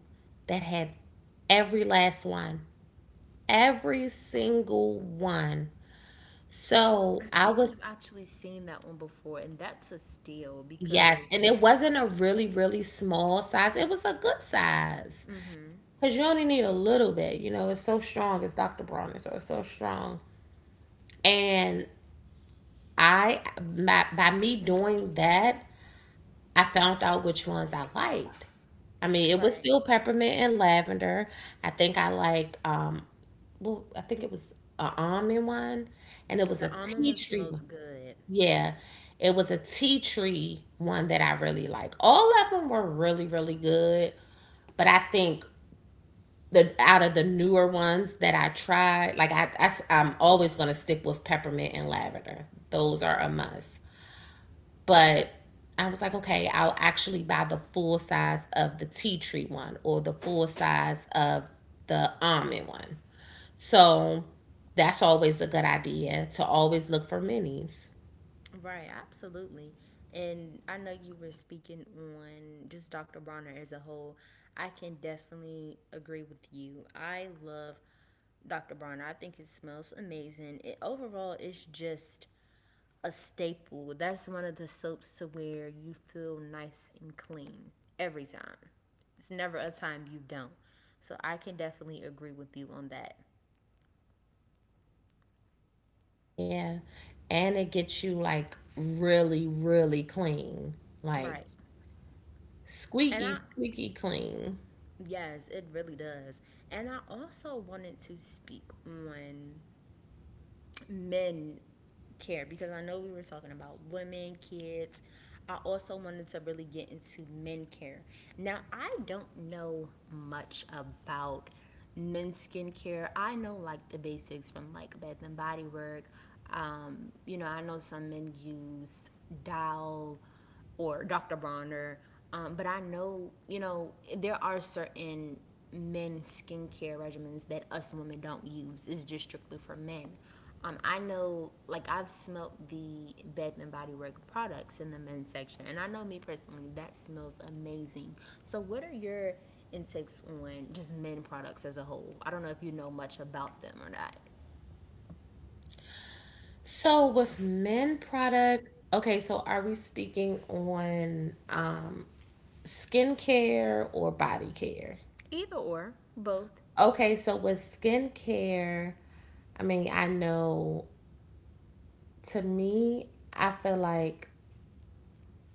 B: that had every last one, every single one. So
A: I
B: I
A: think
B: was.
A: I've actually seen that one before, and that's a steal
B: Yes, and
A: because
B: it wasn't a really, really small size. It was a good size. Because you only need a little bit. You know, it's so strong. It's doctor Bronner, so it's so strong. And I, by, by me doing that, I found out which ones I liked. I mean, it was
A: right.
B: still peppermint and lavender. I think I like, um, well, I think it was a almond one, and it was a
A: The almond
B: tea
A: one
B: tree one.
A: smells good.
B: Yeah, it was a tea tree one that I really like. All of them were really, really good, but I think the out of the newer ones that I tried, like I, I am always gonna stick with peppermint and lavender. Those are a must. But I was like, okay, I'll actually buy the full size of the tea tree one or the full size of the almond one. So that's always a good idea to always look for minis.
A: Right, absolutely. And I know you were speaking on just Doctor Bronner as a whole. I can definitely agree with you. I love Doctor Bronner. I think it smells amazing. It overall it's just a staple. That's one of the soaps to where you feel nice and clean every time. It's never a time you don't. So I can definitely agree with you on that.
B: Yeah. And it gets you like really, really clean. Like
A: Right. And
B: squeaky,
A: I
B: squeaky clean.
A: yes, it really does. And I also wanted to speak on men care because I know we were talking about women, kids. I also wanted to really get into men care. Now, I don't know much about men's skincare. I know like the basics from like Bath and Body Works. Um, you know, I know some men use Dial or Doctor Bronner. Um, but I know, you know, there are certain men skincare regimens that us women don't use. It's just strictly for men. Um, I know, like I've smelled the Bath and Body Works products in the men's section, and I know me personally that smells amazing. So, what are your intakes on just men products as a whole? I don't know if you know much about them or not.
B: So with men product, okay, so are we speaking on um, skincare or body care?
A: Either or, both.
B: Okay, so with skincare, I mean, I know, to me, I feel like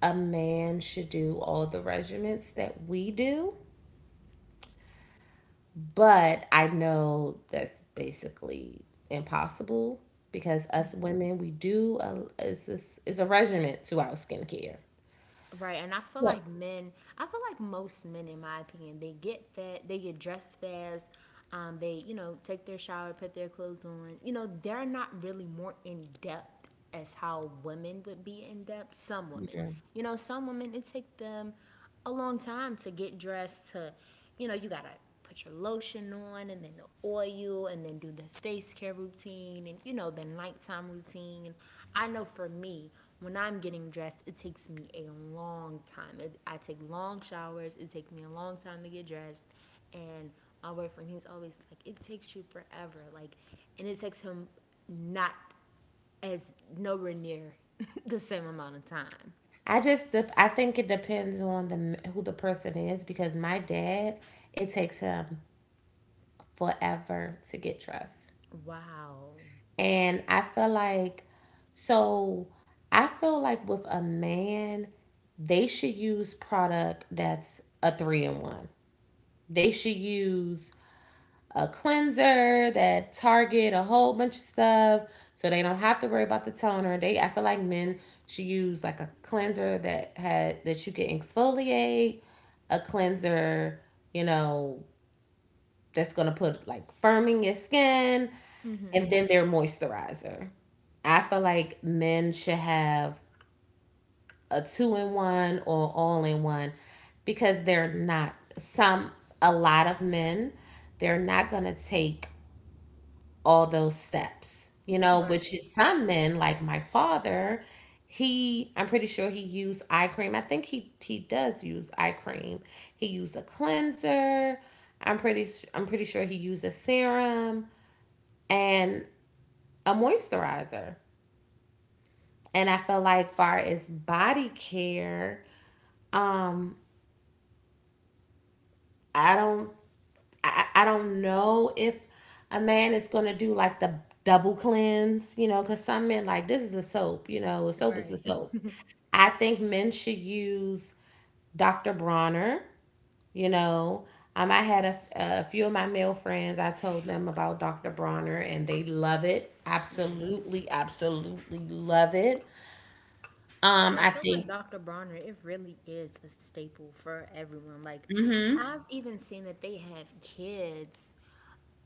B: a man should do all the regimens that we do. But I know that's basically impossible because us women, we do a, it's, it's, it's a regiment to our skincare.
A: Right, and I feel
B: Yeah.
A: like men, I feel like most men, in my opinion, they get fat. They get dressed fast, um, they, you know, take their shower, put their clothes on. You know, they're not really more in depth as how women would be in depth. Some women,
B: Okay.
A: you know, some women, it take them a long time to get dressed, to, you know, you gotta put your lotion on and then the oil and then do the face care routine and you know the nighttime routine. I know for me when I'm getting dressed it takes me a long time. it, I take long showers, it takes me a long time to get dressed. And my boyfriend, he's always like it takes you forever, like, and it takes him not as nowhere near the same amount of time.
B: I just dep- I think it depends on the m- who the person is because my dad, it takes him forever to get dressed.
A: Wow.
B: And I feel like, so I feel like with a man, they should use product that's a three in one. They should use a cleanser that target a whole bunch of stuff so they don't have to worry about the toner. They, I feel like men should use like a cleanser that had that you can exfoliate, a cleanser, you know, that's gonna put like firm in your skin, and then their moisturizer. I feel like men should have a two-in-one or all-in-one because they're not some, a lot of men, they're not gonna take all those steps, you know, which
A: Right.
B: is some men like my father. He, I'm pretty sure he used eye cream. I think he he does use eye cream. He used a cleanser. I'm pretty s- I'm pretty sure he used a serum and a moisturizer. And I feel like far as body care, um, I don't, I, I don't know if a man is gonna do like the double cleanse, you know, because some men like this is a soap, you know, a soap is a
A: Right.
B: soap. I think men should use doctor Bronner. You know, um, I had a, a few of my male friends, I told them about doctor Bronner and they love it. Absolutely, absolutely love it. Um,
A: I
B: I
A: feel like
B: think,
A: Doctor Bronner, it really is a staple for everyone. Like, I've even seen that they have kids,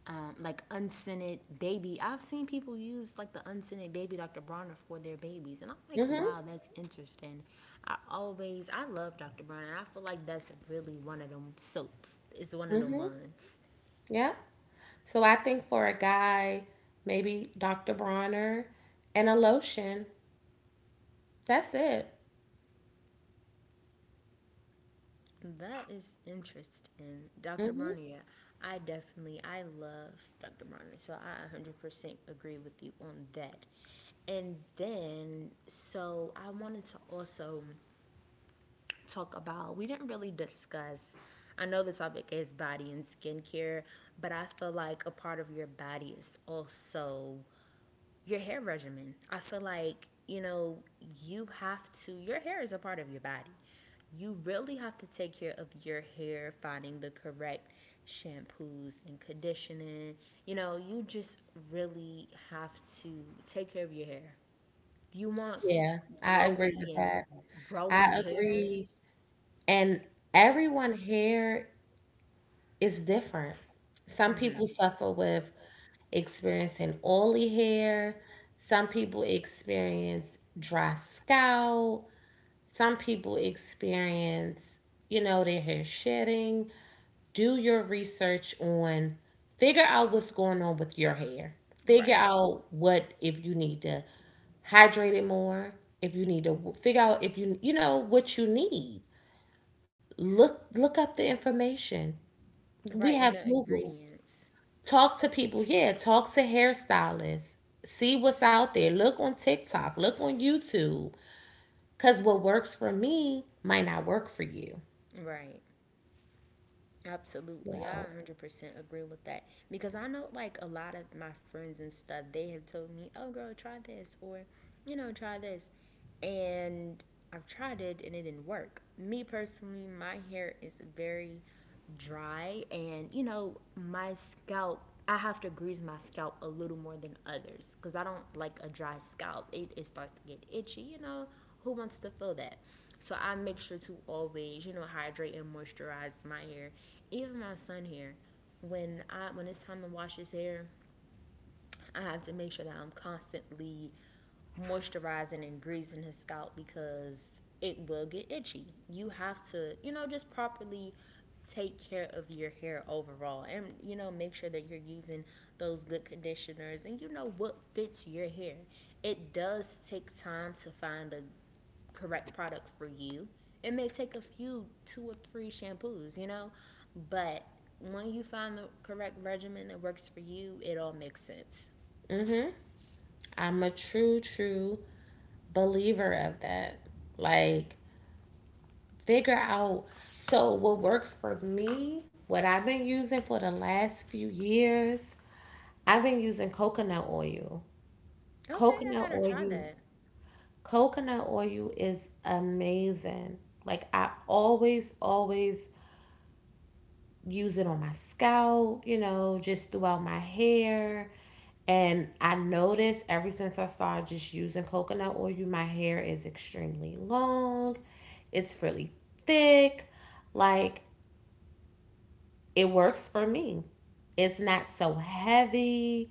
A: um, like unscented baby. I've seen people use like the unscented baby Doctor Bronner for their babies, and I'm like,
B: mm-hmm,
A: wow, that's interesting. I always, I love Doctor Bronner. I feel like that's really one of them soaps. It's one of them ones.
B: yeah. So I think for a guy, maybe doctor Bronner and a lotion. That's it.
A: That is interesting. Doctor
B: Hmm.
A: Bronner, yeah. I definitely, I love Doctor Bronner. So I one hundred percent agree with you on that. And then, so I wanted to also talk about, we didn't really discuss, I know the topic is body and skincare, but I feel like a part of your body is also your hair regimen. I feel like, you know, you have to, your hair is a part of your body. You really have to take care of your hair, finding the correct shampoos and conditioning. You know, you just really have to take care of your hair. If you want
B: Yeah, I
A: glowy
B: agree with that.
A: and growing
B: I
A: hair,
B: agree. And everyone hair, it's different. Some
A: hmm,
B: people suffer with experiencing oily hair. Some people experience dry scalp. Some people experience, you know, their hair shedding. Do your research on, figure out what's going on with your hair. Figure
A: right,
B: out what, if you need to hydrate it more, if you need to figure out if you, you know, what you need. Look, look up the information. We
A: right, and
B: have
A: the
B: Google.
A: ingredients,
B: Talk to people. Yeah, talk to hairstylists. See what's out there. Look on TikTok. Look on YouTube. Because what works for me might not work for you.
A: right. Absolutely. I
B: So
A: one hundred percent agree with that because I know like a lot of my friends and stuff, they have told me, "Oh girl, try this," or, you know, "Try this." And I've tried it and it didn't work. Me personally, my hair is very dry and, you know, my scalp I have to grease my scalp a little more than others because I don't like a dry scalp. It, it starts to get itchy, you know. Who wants to feel that? So I make sure to always, you know, hydrate and moisturize my hair, even my son's hair. When I when it's time to wash his hair, I have to make sure that I'm constantly moisturizing and greasing his scalp because it will get itchy. You have to, you know, just properly take care of your hair overall, and you know make sure that you're using those good conditioners and you know what fits your hair. It does take time to find the correct product for you. It may take a few two or three shampoos, you know, but when you find the correct regimen that works for you, it all makes sense.
B: I'm a true, true believer of that. Like, figure out. So, what works for me, what I've been using for the last few years, I've been using coconut oil.
A: Okay, I
B: Coconut
A: gotta try
B: oil,
A: that.
B: coconut oil is amazing. Like, I always, always use it on my scalp, you know, just throughout my hair. And I noticed ever since I started just using coconut oil, my hair is extremely long. It's really thick. Like it works for me. It's not so heavy.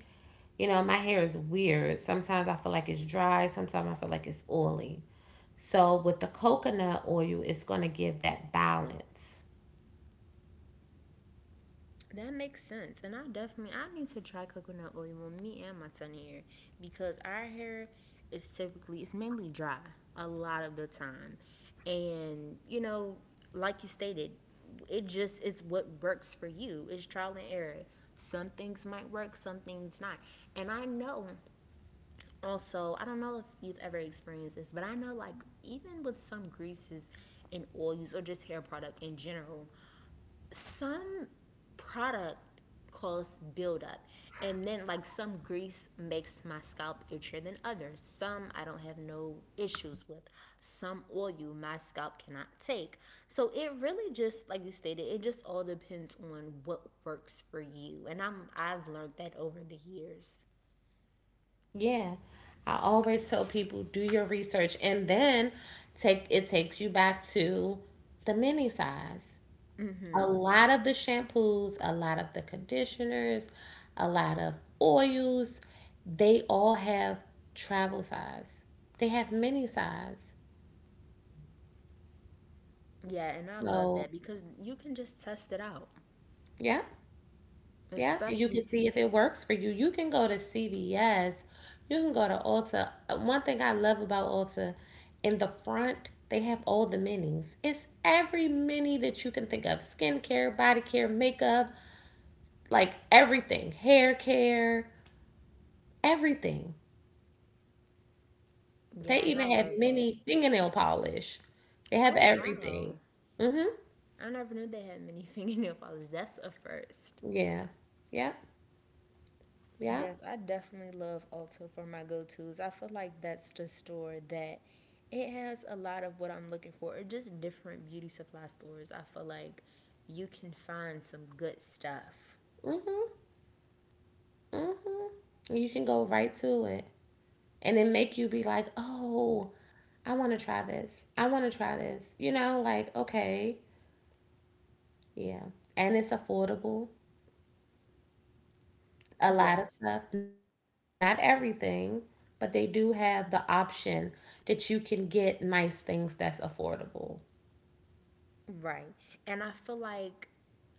B: You know, my hair is weird. Sometimes I feel like it's dry, sometimes I feel like it's oily. So with the coconut oil, it's going to give that balance.
A: That makes sense. And I definitely I need to try coconut oil on me and my sunny hair because our hair is typically it's mainly dry a lot of the time. And you know, like you stated, it just it's what works for you. It's trial and error. Some things might work, some things not. And I know also, I don't know if you've ever experienced this, but I know like even with some greases and oils or just hair product in general, some product cause buildup, and then like some grease makes my scalp itchier than others. Some I don't have no issues with, some oil my scalp cannot take, so it really just like you stated, it just all depends on what works for you, and i'm i've learned that over the years.
B: Yeah. I always tell people do your research and then take it takes you back to the mini size. A lot of the shampoos, a lot of the conditioners, a lot of oils, they all have travel size. They have mini size.
A: Yeah, and I love
B: So,
A: that because you can just test it out,
B: yeah. Yeah, and you can
A: especially,
B: see if it works for you. You can go to C V S, you can go to Ulta. Uh, One thing I love about Ulta, in the front, they have all the minis. It's every mini that you can think of: skincare, body care, makeup, like everything, hair care, everything. They
A: yeah, and I
B: even have
A: love that.
B: mini fingernail polish. They have
A: Oh
B: everything.
A: wow.
B: Mm-hmm.
A: I never knew they had mini fingernail polish. That's a first.
B: Yeah. Yep. Yep.
A: Yes, I definitely love Ulta for my go tos. I feel like that's the store that it has a lot of what I'm looking for, or just different beauty supply stores. I feel like you can find some good stuff.
B: Mm-hmm. Mm-hmm. You can go right to it. And it make you be like, oh, I want to try this. I want to try this. You know, like okay, yeah, and it's affordable. A lot of
A: Yes.
B: stuff, not everything, but they do have the option that you can get nice things that's affordable.
A: Right. And I feel like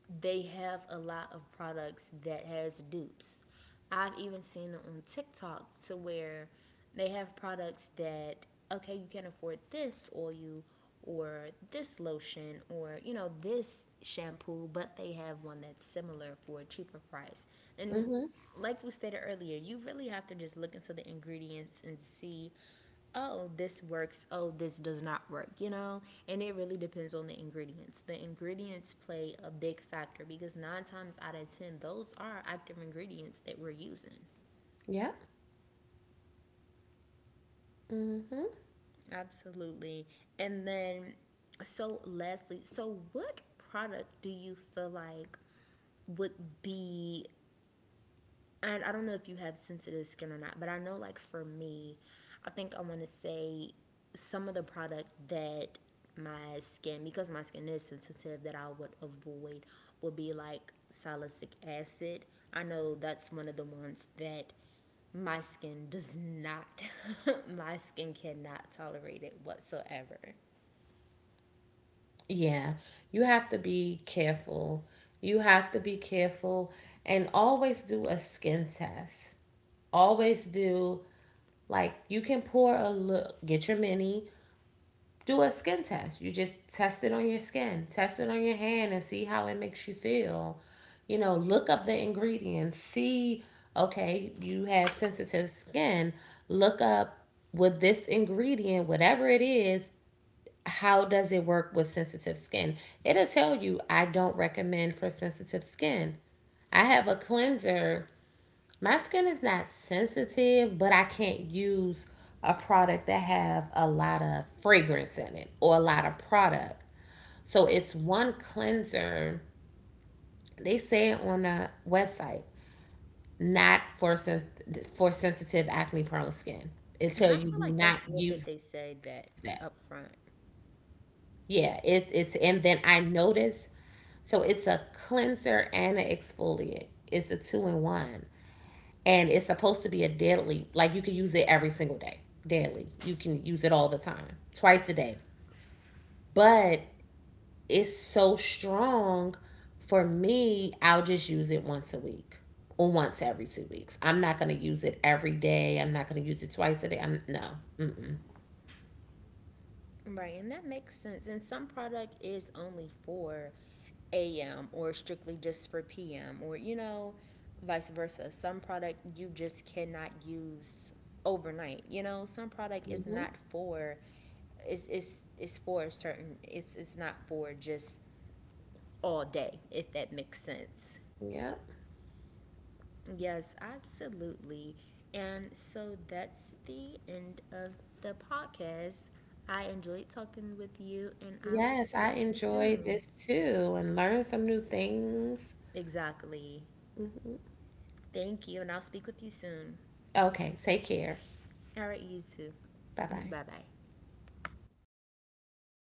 A: they have a lot of products that has dupes. I've even seen it on TikTok to where they have products that okay, you can afford this oil, or this lotion or you know this shampoo, but they have one that's similar for a cheaper price. And
B: Mhm.
A: like we stated earlier, you really have to just look into the ingredients and see, oh, this works, oh, this does not work, you know? And it really depends on the ingredients. The ingredients play a big factor because nine times out of ten, those are active ingredients that we're using.
B: Yep. Mhm.
A: Absolutely. And then, so lastly, so what product do you feel like would be and I don't know if you have sensitive skin or not, but I know like for me, I think I want to say some of the product that my skin because my skin is sensitive that I would avoid would be like salicylic acid. I know that's one of the ones that my skin does not my skin cannot tolerate it whatsoever.
B: Yeah, you have to be careful. You have to be careful and always do a skin test. Always do, like, you can pour a look, get your mini, do a skin test. You just test it on your skin, test it on your hand, and see how it makes you feel. You know, look up the ingredients, see, okay, you have sensitive skin. Look up with this ingredient, whatever it is, how does it work with sensitive skin? It'll tell you, I don't recommend for sensitive skin. I have a cleanser, my skin is not sensitive, but I can't use a product that have a lot of fragrance in it or a lot of product. So it's one cleanser. They say it on the website, not for sen- for sensitive acne prone skin. It
A: And
B: tell
A: I
B: you
A: feel
B: do
A: like
B: not
A: that's good that
B: use
A: they
B: that.
A: say that up front.
B: Yeah, it it's and then I noticed, so it's a cleanser and an exfoliant. It's a two in one. And it's supposed to be a daily. Like you can use it every single day, daily. You can use it all the time, twice a day. But it's so strong. For me, I'll just use it once a week or once every two weeks. I'm not gonna use it every day. I'm not gonna use it twice a day. I'm no. Mm-mm.
A: Right, and that makes sense. And some product is only for A M or strictly just for P M or you know, vice versa. Some product you just cannot use overnight. You know, some product is
B: Hmm.
A: not for is is is for a certain it's it's not for just all day if that makes sense.
B: Yep.
A: Yes, absolutely. And so that's the end of the podcast. I enjoyed talking with you and I will
B: Yes,
A: speak
B: I
A: to you
B: enjoyed
A: soon.
B: this too and learned some new things.
A: Exactly. Thank you, and I'll speak with you soon.
B: Okay, take care.
A: All right, you too.
B: Bye bye.
A: Bye bye.